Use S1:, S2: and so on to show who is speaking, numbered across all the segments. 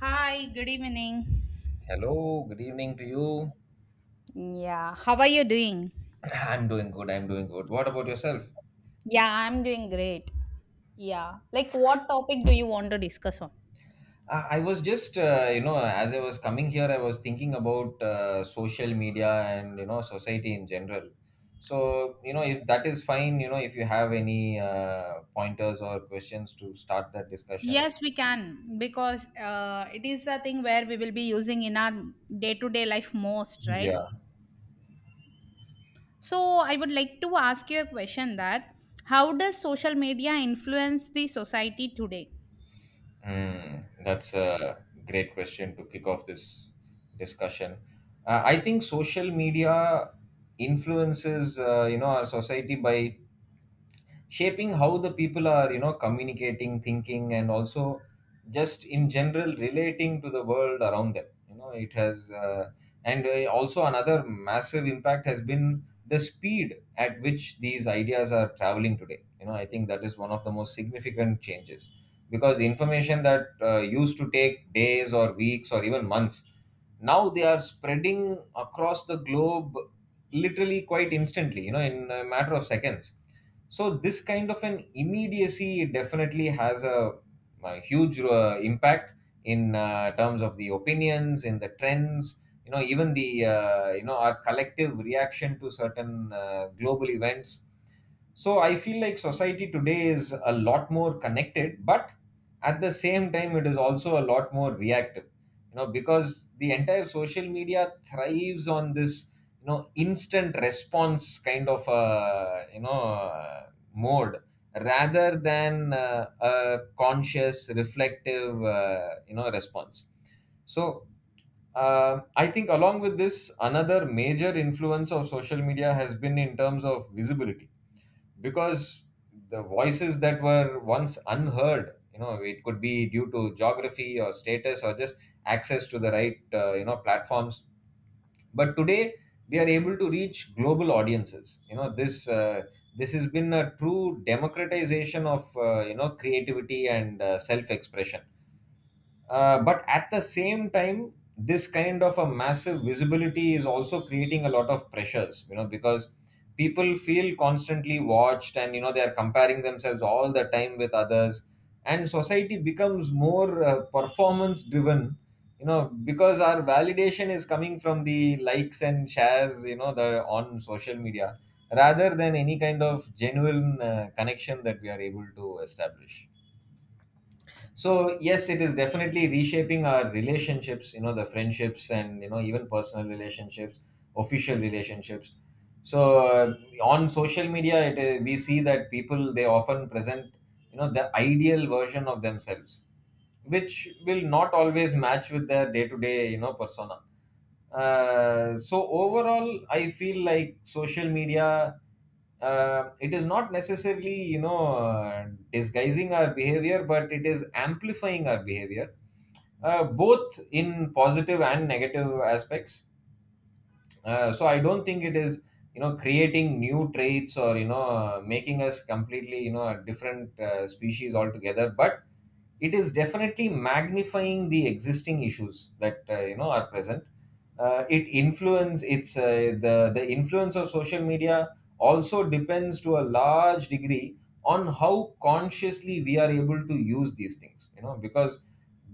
S1: Hi, good evening.
S2: Hello, good evening to you.
S1: Yeah, how are you doing?
S2: I'm doing good. I'm doing good. What about yourself?
S1: Yeah, I'm doing great. Yeah, like what topic do you want to discuss on?
S2: I was just, as I was coming here, I was thinking about social media and, society in general. So, if that is fine, if you have any pointers or questions to start that discussion.
S1: Yes, we can because it is a thing where we will be using in our day to day life most, right?
S2: Yeah.
S1: So, I would like to ask you a question that how does social media influence the society today?
S2: Mm, that's a great question to kick off this discussion. I think social media influences, our society by shaping how the people are communicating, thinking, and also just in general relating to the world around them. It has and also another massive impact has been the speed at which these ideas are traveling today. I think that is one of the most significant changes because information that used to take days or weeks or even months now they are spreading across the globe literally quite instantly, in a matter of seconds. So this kind of an immediacy definitely has a huge impact in terms of the opinions, in the trends, even the our collective reaction to certain global events. So I feel like society today is a lot more connected, but at the same time it is also a lot more reactive, you know, because the entire social media thrives on this, instant response kind of mode rather than a conscious, reflective, response. So I think along with this, another major influence of social media has been in terms of visibility, because the voices that were once unheard, you know, it could be due to geography or status or just access to the right platforms, but today they are able to reach global audiences. This has been a true democratization of creativity and self expression. But at the same time, this kind of a massive visibility is also creating a lot of pressures, you know, because people feel constantly watched and, you know, they are comparing themselves all the time with others. And society becomes more performance driven, you know, because our validation is coming from the likes and shares, the on social media, rather than any kind of genuine connection that we are able to establish. So yes, it is definitely reshaping our relationships, the friendships and even personal relationships, official relationships. So on social media we see that people, they often present, you know, the ideal version of themselves, which will not always match with their day to day persona. So overall I feel like social media, it is not necessarily disguising our behavior, but it is amplifying our behavior, both in positive and negative aspects. So I don't think it is, you know, creating new traits or making us completely, you know, a different species altogether, but it is definitely magnifying the existing issues that are present. It influence it's the influence of social media also depends to a large degree on how consciously we are able to use these things. You know, because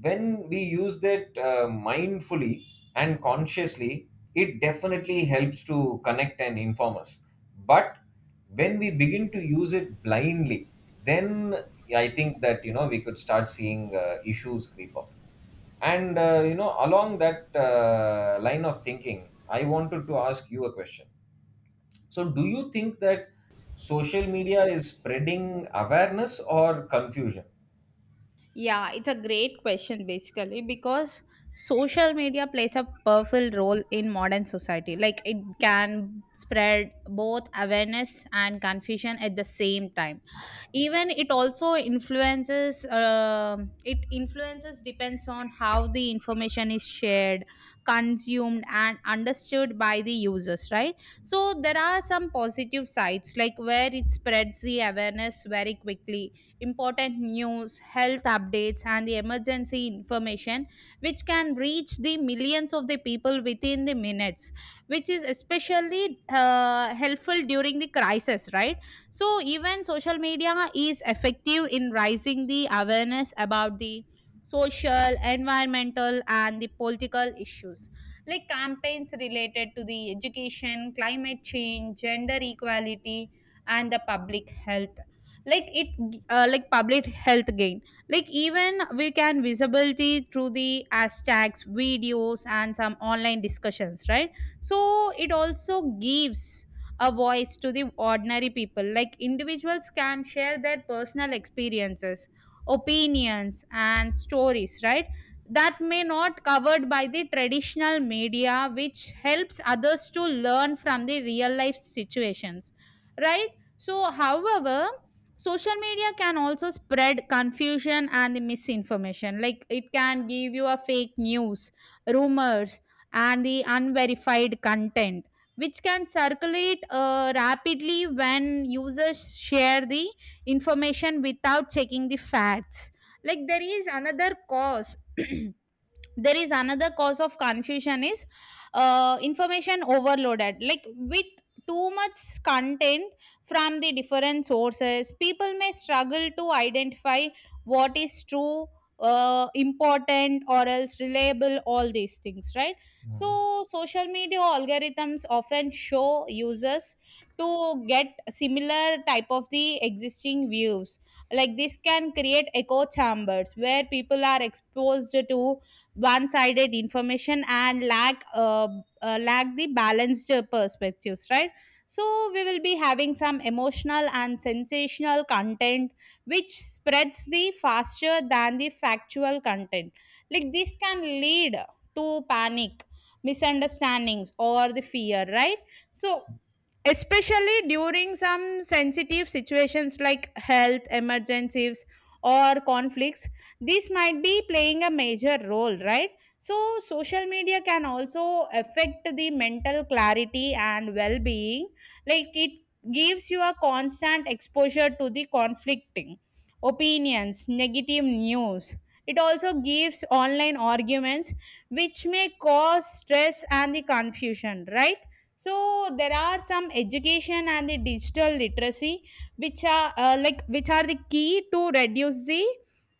S2: when we use that mindfully and consciously, it definitely helps to connect and inform us. But when we begin to use it blindly, then I think that, you know, we could start seeing issues creep up. And you know, along that line of thinking, I wanted to ask you a question. So do you think that social media is spreading awareness or confusion?
S1: Yeah, it's a great question basically because social media plays a powerful role in modern society. Like it can spread both awareness and confusion at the same time. Even it also influences. It influences depends on how the information is shared, consumed, and understood by the users. Right. So there are some positive sides like where it spreads the awareness very quickly important news, health updates, and the emergency information, which can reach the millions of the people within the minutes, which is especially helpful during the crisis, right? So, even social media is effective in raising the awareness about the social, environmental, and the political issues like campaigns related to the education, climate change, gender equality, and the public health like it like public health gain like even we can visibility through the hashtags videos and some online discussions, right? So it also gives a voice to the ordinary people like individuals can share their personal experiences opinions and stories, right? That may not covered by the traditional media which helps others to learn from the real life situations, right? So however social media can also spread confusion and the misinformation like it can give you a fake news rumors and the unverified content which can circulate rapidly when users share the information without checking the facts. Like there is another cause there is another cause of confusion is information overloaded like with too much content from the different sources people may struggle to identify what is true important or else reliable all these things, right?
S2: Mhm.
S1: So social media algorithms often show users to get similar type of the existing views like this can create echo chambers where people are exposed to one sided information and lack the balanced perspectives, right? So we will be having some emotional and sensational content which spreads the faster than the factual content. Like this can lead to panic misunderstandings or the fear, right? So especially during some sensitive situations like health emergencies or conflicts this might be playing a major role, right? So social media can also affect the mental clarity and well-being like it gives you a constant exposure to the conflicting opinions negative news. It also gives online arguments which may cause stress and the confusion, right? So there are some education and the digital literacy which are like which are the key to reduce the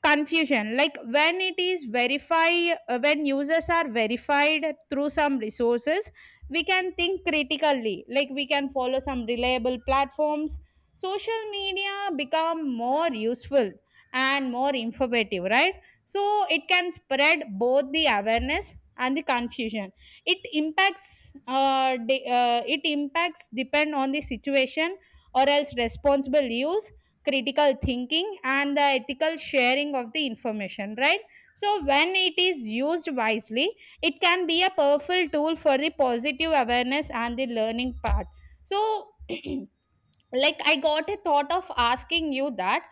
S1: confusion like when it is verify when users are verified through some resources we can think critically like we can follow some reliable platforms social media become more useful and more informative, right? So it can spread both the awareness and the confusion. It impacts it impacts depend on the situation or else responsible use critical thinking and the ethical sharing of the information, right? So when it is used wisely it can be a powerful tool for the positive awareness and the learning part. So like I got a thought of asking you that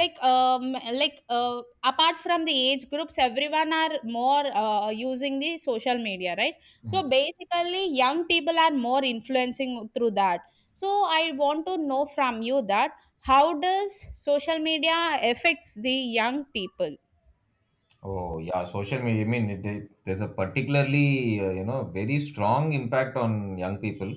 S1: like apart from the age groups everyone are more using the social media, right?
S2: Mhm.
S1: So basically young people are more influencing through that. So I want to know from you that how does social media affects the young people?
S2: Oh yeah, social media. I mean, there's a particularly very strong impact on young people,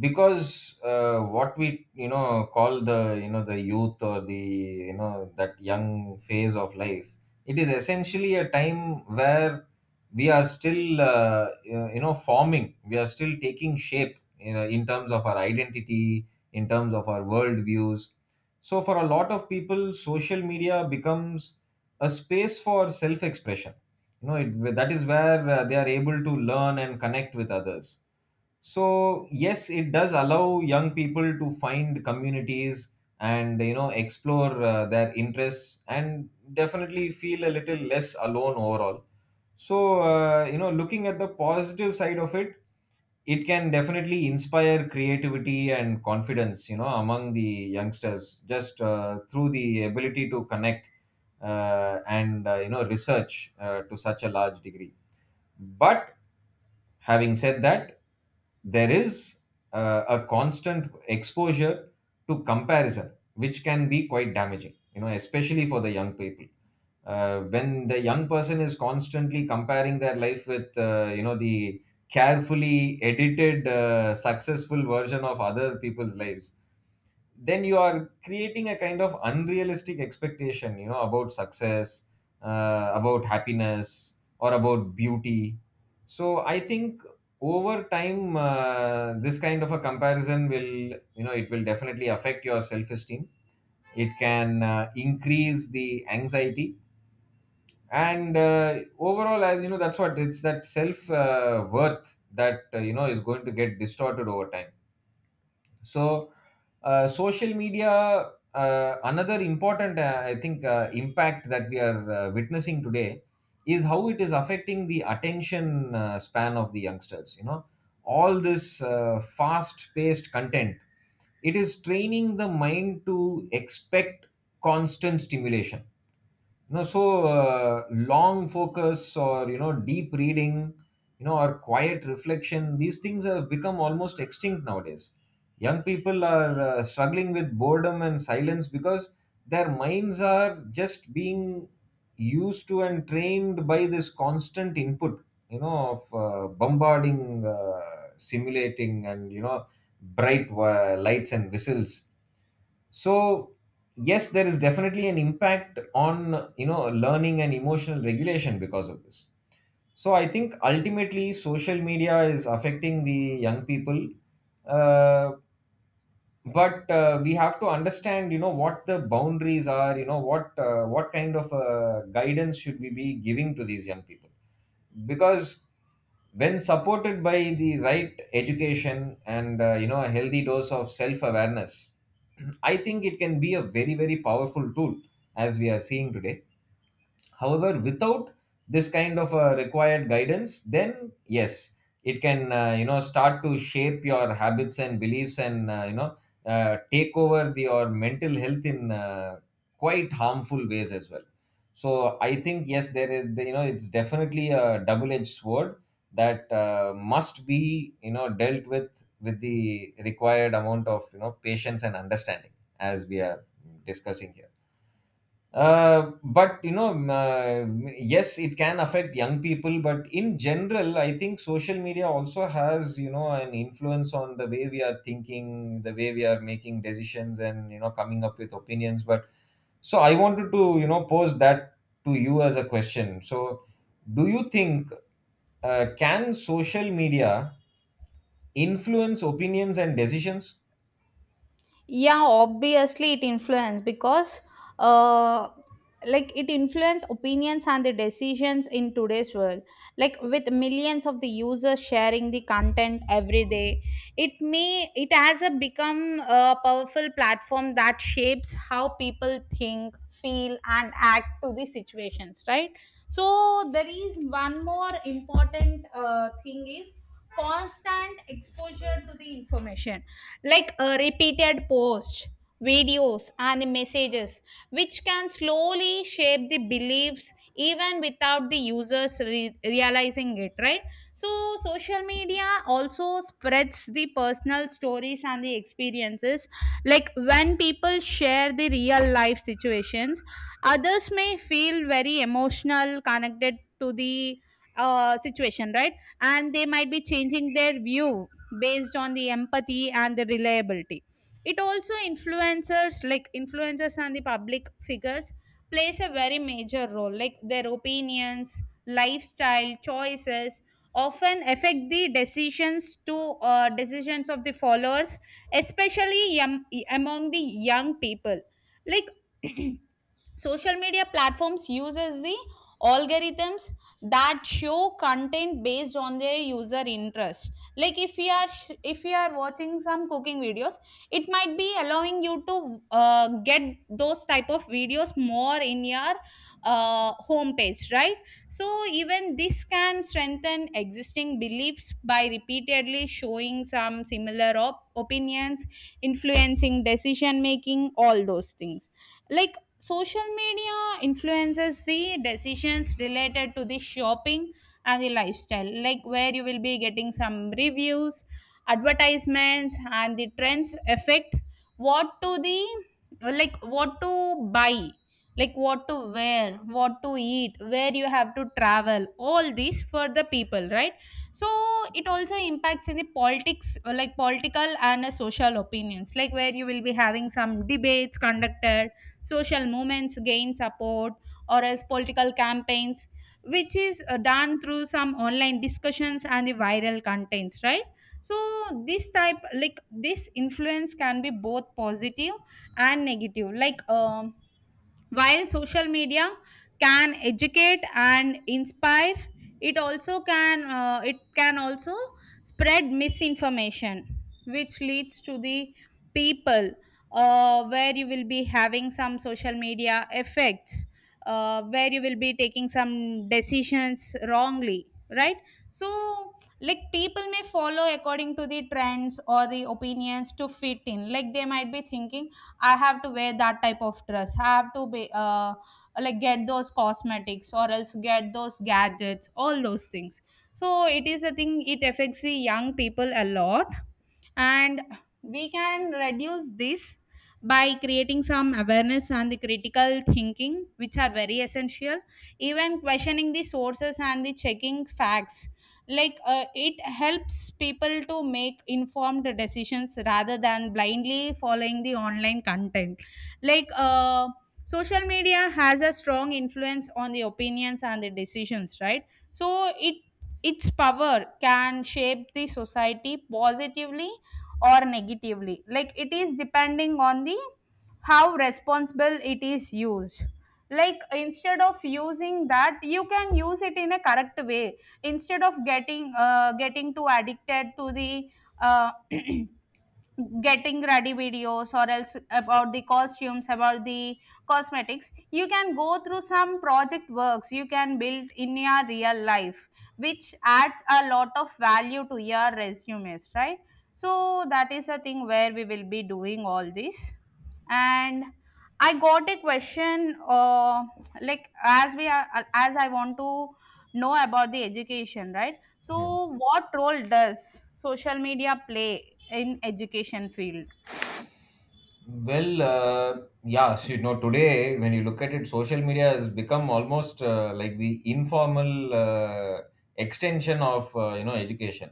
S2: because what we, you know, call the, you know, the youth or the, you know, that young phase of life, it is essentially a time where we are still forming, we are still taking shape, you know, in terms of our identity, in terms of our world views. So for a lot of people, social media becomes a space for self expression. That is where they are able to learn and connect with others. So yes, it does allow young people to find communities and, you know, explore their interests and definitely feel a little less alone overall. So looking at the positive side of it, it can definitely inspire creativity and confidence, you know, among the youngsters, just through the ability to connect and you know, research to such a large degree. But having said that, there is a constant exposure to comparison, which can be quite damaging, you know, especially for the young people. When the young person is constantly comparing their life with, the carefully edited successful version of other people's lives, then you are creating a kind of unrealistic expectation, you know, about success, about happiness or about beauty. So I think over time, this kind of a comparison will, you know, it will definitely affect your self esteem. It can increase the anxiety, and overall, as you know, that's what it's, that self worth that, is going to get distorted over time. So social media, another important I think, impact that we are witnessing today is how it is affecting the attention span of the youngsters. You know, all this fast paced content, it is training the mind to expect constant stimulation. You know, so long focus or, you know, deep reading, you know, or quiet reflection, these things have become almost extinct nowadays. Young people are struggling with boredom and silence, because their minds are just being used to and trained by this constant input, you know, of bombarding, simulating, and, you know, bright lights and whistles. So yes, there is definitely an impact on, you know, learning and emotional regulation because of this. So I think ultimately social media is affecting the young people, uh, but we have to understand, you know, what the boundaries are, you know, what kind of guidance should we be giving to these young people. Because when supported by the right education and a healthy dose of self awareness, I think it can be a very, very powerful tool, as we are seeing today. However, without this kind of required guidance, then yes, it can, start to shape your habits and beliefs and, take over the your mental health in, quite harmful ways as well. So I think yes, there is you know, it's definitely a double edged sword that must be, you know, dealt with the required amount of, you know, patience and understanding, as we are discussing here. But yes, it can affect young people, but in general, I think social media also has, you know, an influence on the way we are thinking, the way we are making decisions, and, you know, coming up with opinions. But so I wanted to, you know, pose that to you as a question. So, do you think can social media influence opinions and decisions?
S1: Yeah obviously it influence because uh like it influence opinions and the decisions in today's world like with millions of the users sharing the content every day. It has a become a powerful platform that shapes how people think feel and act to the situations, right? So there is one more important thing is constant exposure to the information like a repeated post videos and the messages which can slowly shape the beliefs even without the users realizing it, right? So social media also spreads the personal stories and the experiences like when people share the real life situations others may feel very emotional connected to the situation, right? And they might be changing their view based on the empathy and the reliability. It also influencers like influencers and the public figures plays a very major role like their opinions lifestyle choices often affect the decisions to decisions of the followers especially among the young people. Like social media platforms uses the algorithms that show content based on their user interest like if you are if you are watching some cooking videos it might be allowing you to get those type of videos more in your homepage, right? So even this can strengthen existing beliefs by repeatedly showing some similar opinions influencing decision making all those things. Like social media influences the decisions related to the shopping and the lifestyle like where you will be getting some reviews advertisements and the trends affect what to the like what to buy like what to wear what to eat where you have to travel all these for the people, right? So it also impacts in the politics like political and social opinions like where you will be having some debates conducted social movements gain support or else political campaigns which is done through some online discussions and the viral contents, right? So this type like this influence can be both positive and negative like while social media can educate and inspire, it also can it can also spread misinformation, which leads to the people where you will be having some social media effects, where you will be taking some decisions wrongly, right? So like people may follow according to the trends or the opinions to fit in like they might be thinking I have to wear that type of dress. I have to be like get those cosmetics or else get those gadgets, all those things. So it is a thing. It affects the young people a lot, and we can reduce this by creating some awareness and the critical thinking which are very essential even questioning the sources and the checking facts like it helps people to make informed decisions rather than blindly following the online content like social media has a strong influence on the opinions and the decisions, right? So it its power can shape the society positively or negatively like it is depending on the how responsible it is used like instead of using that you can use it in a correct way instead of getting too addicted to the uh, getting ready videos or else about the costumes about the cosmetics you can go through some project works you can build in your real life which adds a lot of value to your resumes, right? So that is a thing where we will be doing all this and I got a question like as we are as I want to know about the education, right? So
S2: Mhm.
S1: what role does social media play in education field?
S2: Well, yeah, so, you know, today when you look at it, social media has become almost like the informal extension of, education.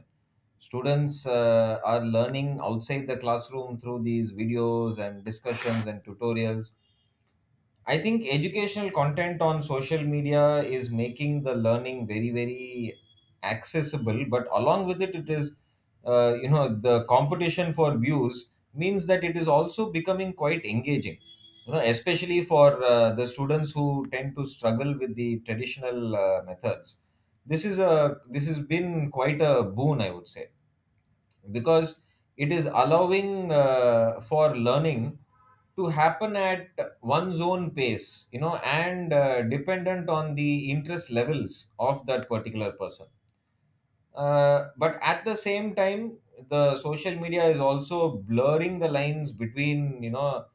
S2: Students are learning outside the classroom through these videos and discussions and tutorials. I think educational content on social media is making the learning very, very accessible. But along with it, it is, you know, the competition for views means that it is also becoming quite engaging. You know, especially for the students who tend to struggle with the traditional methods. This has been quite a boon, I would say, because it is allowing for learning to happen at one's own pace and dependent on the interest levels of that particular person. But at the same time, the social media is also blurring the lines between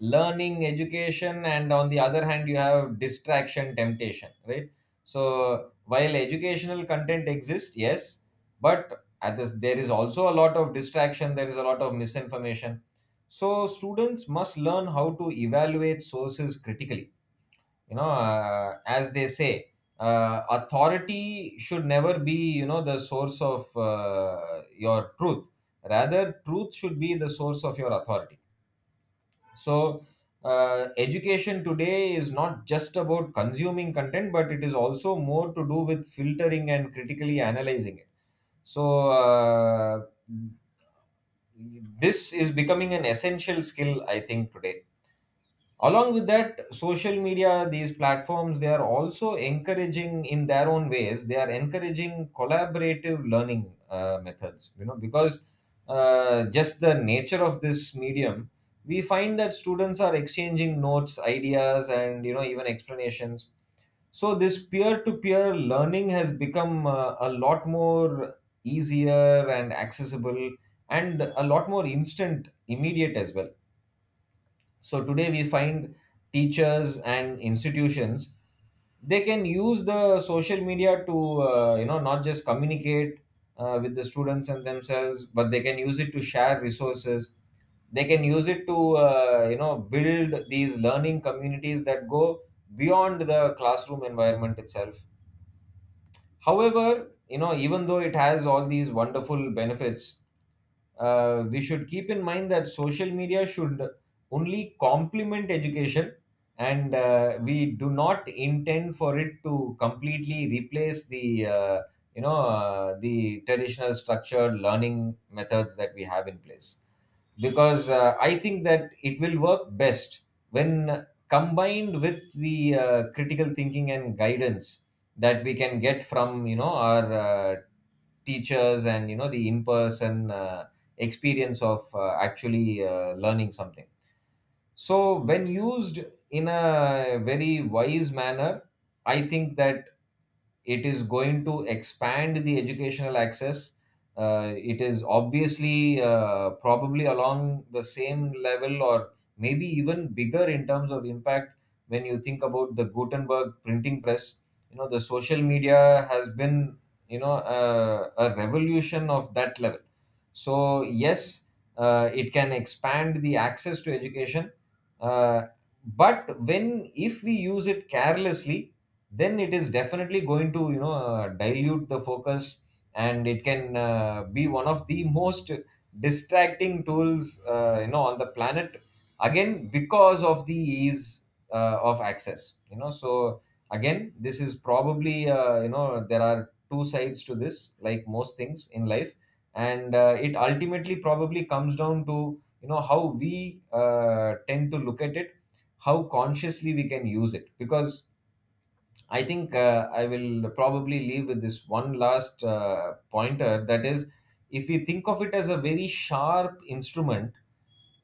S2: learning, education, and on the other hand you have distraction, temptation, right? So while educational content exists, yes, but at this there is also a lot of distraction, there is a lot of misinformation. So students must learn how to evaluate sources critically. As they say, authority should never be, the source of your truth, rather truth should be the source of your authority. so, Education today is not just about consuming content, but it is also more to do with filtering and critically analyzing it. So, uh, this is becoming an essential skill, I think, today. Along with that, social media, these platforms, they are also encouraging in their own ways, they are encouraging collaborative learning methods, you know, because just the nature of this medium, we find that students are exchanging notes, ideas, and you know, even explanations. So this peer to peer learning has become a lot more easier and accessible, and a lot more instant, immediate as well. So today we find teachers and institutions, they can use the social media to not just communicate with the students and themselves, but they can use it to share resources, they can use it to build these learning communities that go beyond the classroom environment itself. However, you know, even though it has all these wonderful benefits, we should keep in mind that social media should only complement education, and we do not intend for it to completely replace the the traditional structured learning methods that we have in place. Because I think that it will work best when combined with the critical thinking and guidance that we can get from you know our teachers and you know the in person experience of actually learning something. So, when used in a very wise manner, I think that it is going to expand the educational access. It is obviously probably along the same level or maybe even bigger in terms of impact when you think about the Gutenberg printing press. You know, the social media has been, a revolution of that level. So, yes, it can expand the access to education. uh, but when if we use it carelessly, then it is definitely going to you know dilute the focus, and it can be one of the most distracting tools on the planet, again because of the ease of access, you know. So again, this is probably there are two sides to this like most things in life. And it ultimately probably comes down to you know how we tend to look at it, how consciously we can use it. Because I think I will probably leave with this one last pointer, that is, if we think of it as a very sharp instrument,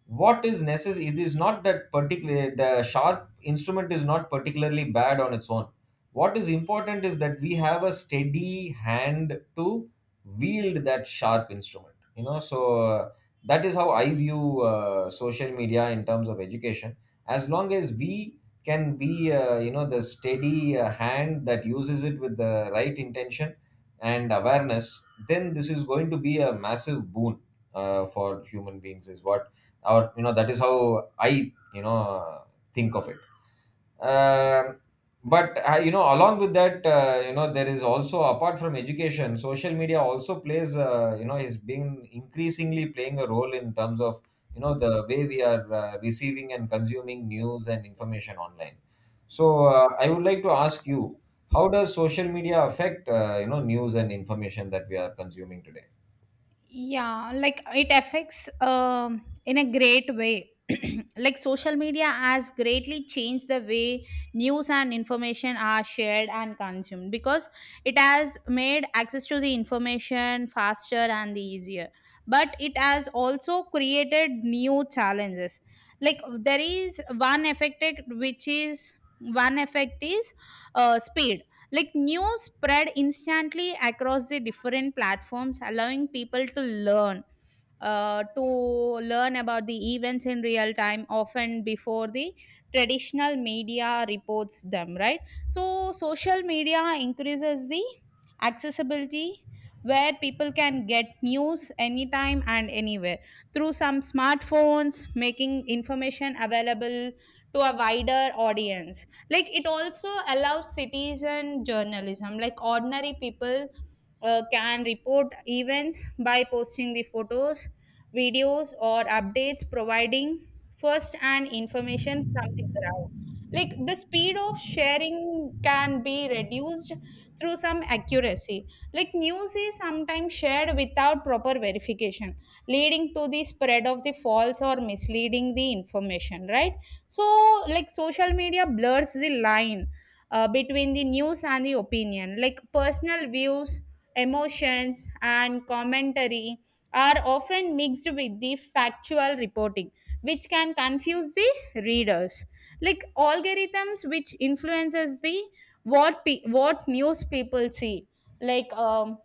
S2: what is necessary? It is not that particular, The sharp instrument is not particularly bad on its own. What is important is that we have a steady hand to wield that sharp instrument. You know, so that is how I view social media in terms of education. As long as we can be the steady hand that uses it with the right intention and awareness, then this is going to be a massive boon for human beings is what or you know, that is how I think of it. um, but you know, along with that, there is also, apart from education, social media also plays, is being increasingly playing a role in terms of you know the way we are receiving and consuming news and information online. So I would like to ask you, how does social media affect news and information that we are consuming today?
S1: Yeah like it affects in a great way like social media has greatly changed the way news and information are shared and consumed because it has made access to the information faster and the easier but it has also created new challenges. Like there is which is one effect is speed like news spread instantly across the different platforms allowing people to learn about the events in real time often before the traditional media reports them, right? So social media increases the accessibility where people can get news anytime and anywhere through some smartphones making information available to a wider audience. Like it also allows citizen journalism like ordinary people can report events by posting the photos videos or updates providing first hand information from the ground. Like the speed of sharing can be reduced through some accuracy like news is sometimes shared without proper verification leading to the spread of the false or misleading the information, right? So like social media blurs the line between the news and the opinion like personal views emotions and commentary are often mixed with the factual reporting which can confuse the readers. Like algorithms which influences the what news people see like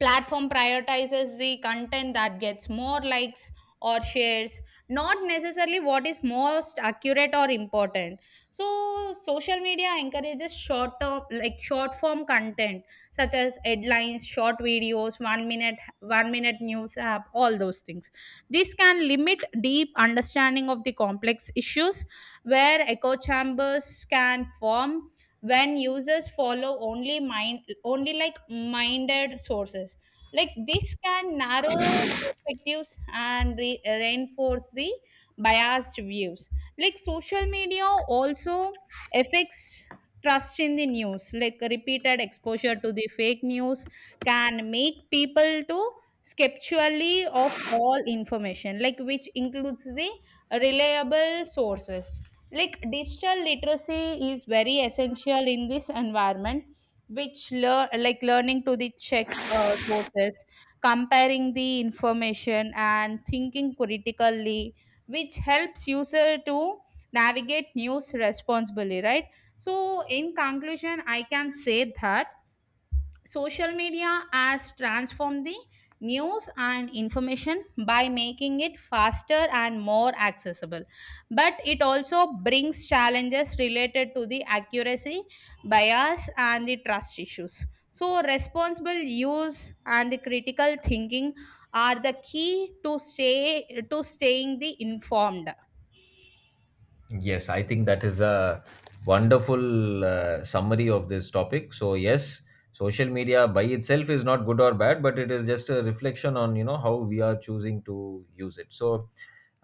S1: platform prioritizes the content that gets more likes or shares not necessarily what is most accurate or important. So social media encourages short term like short form content such as headlines short videos one minute news app all those things. This can limit deep understanding of the complex issues where echo chambers can form when users follow only like minded sources like this can narrow perspectives and reinforce the biased views. Like social media also affects trust in the news. Like repeated exposure to the fake news can make people to skeptially of all information like which includes the reliable sources like digital literacy is very essential in this environment which learning to the check sources comparing the information and thinking critically which helps user to navigate news responsibly, right? So in conclusion I can say that social media has transformed the news and information by making it faster and more accessible. But it also brings challenges related to the accuracy, bias, and the trust issues. So, responsible use and the critical thinking are the key to staying the informed.
S2: Yes, I think that is a wonderful summary of this topic. So yes, social media by itself is not good or bad, but it is just a reflection on you know how we are choosing to use it. So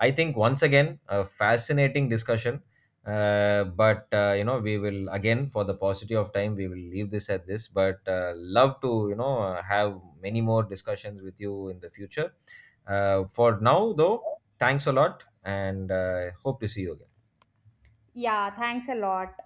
S2: I think once again a fascinating discussion. But you know, we will again, for the paucity of time, we will leave this at this. But love to you know have many more discussions with you in the future. For now though, thanks a lot, and hope to see you again.
S1: Yeah, thanks a lot.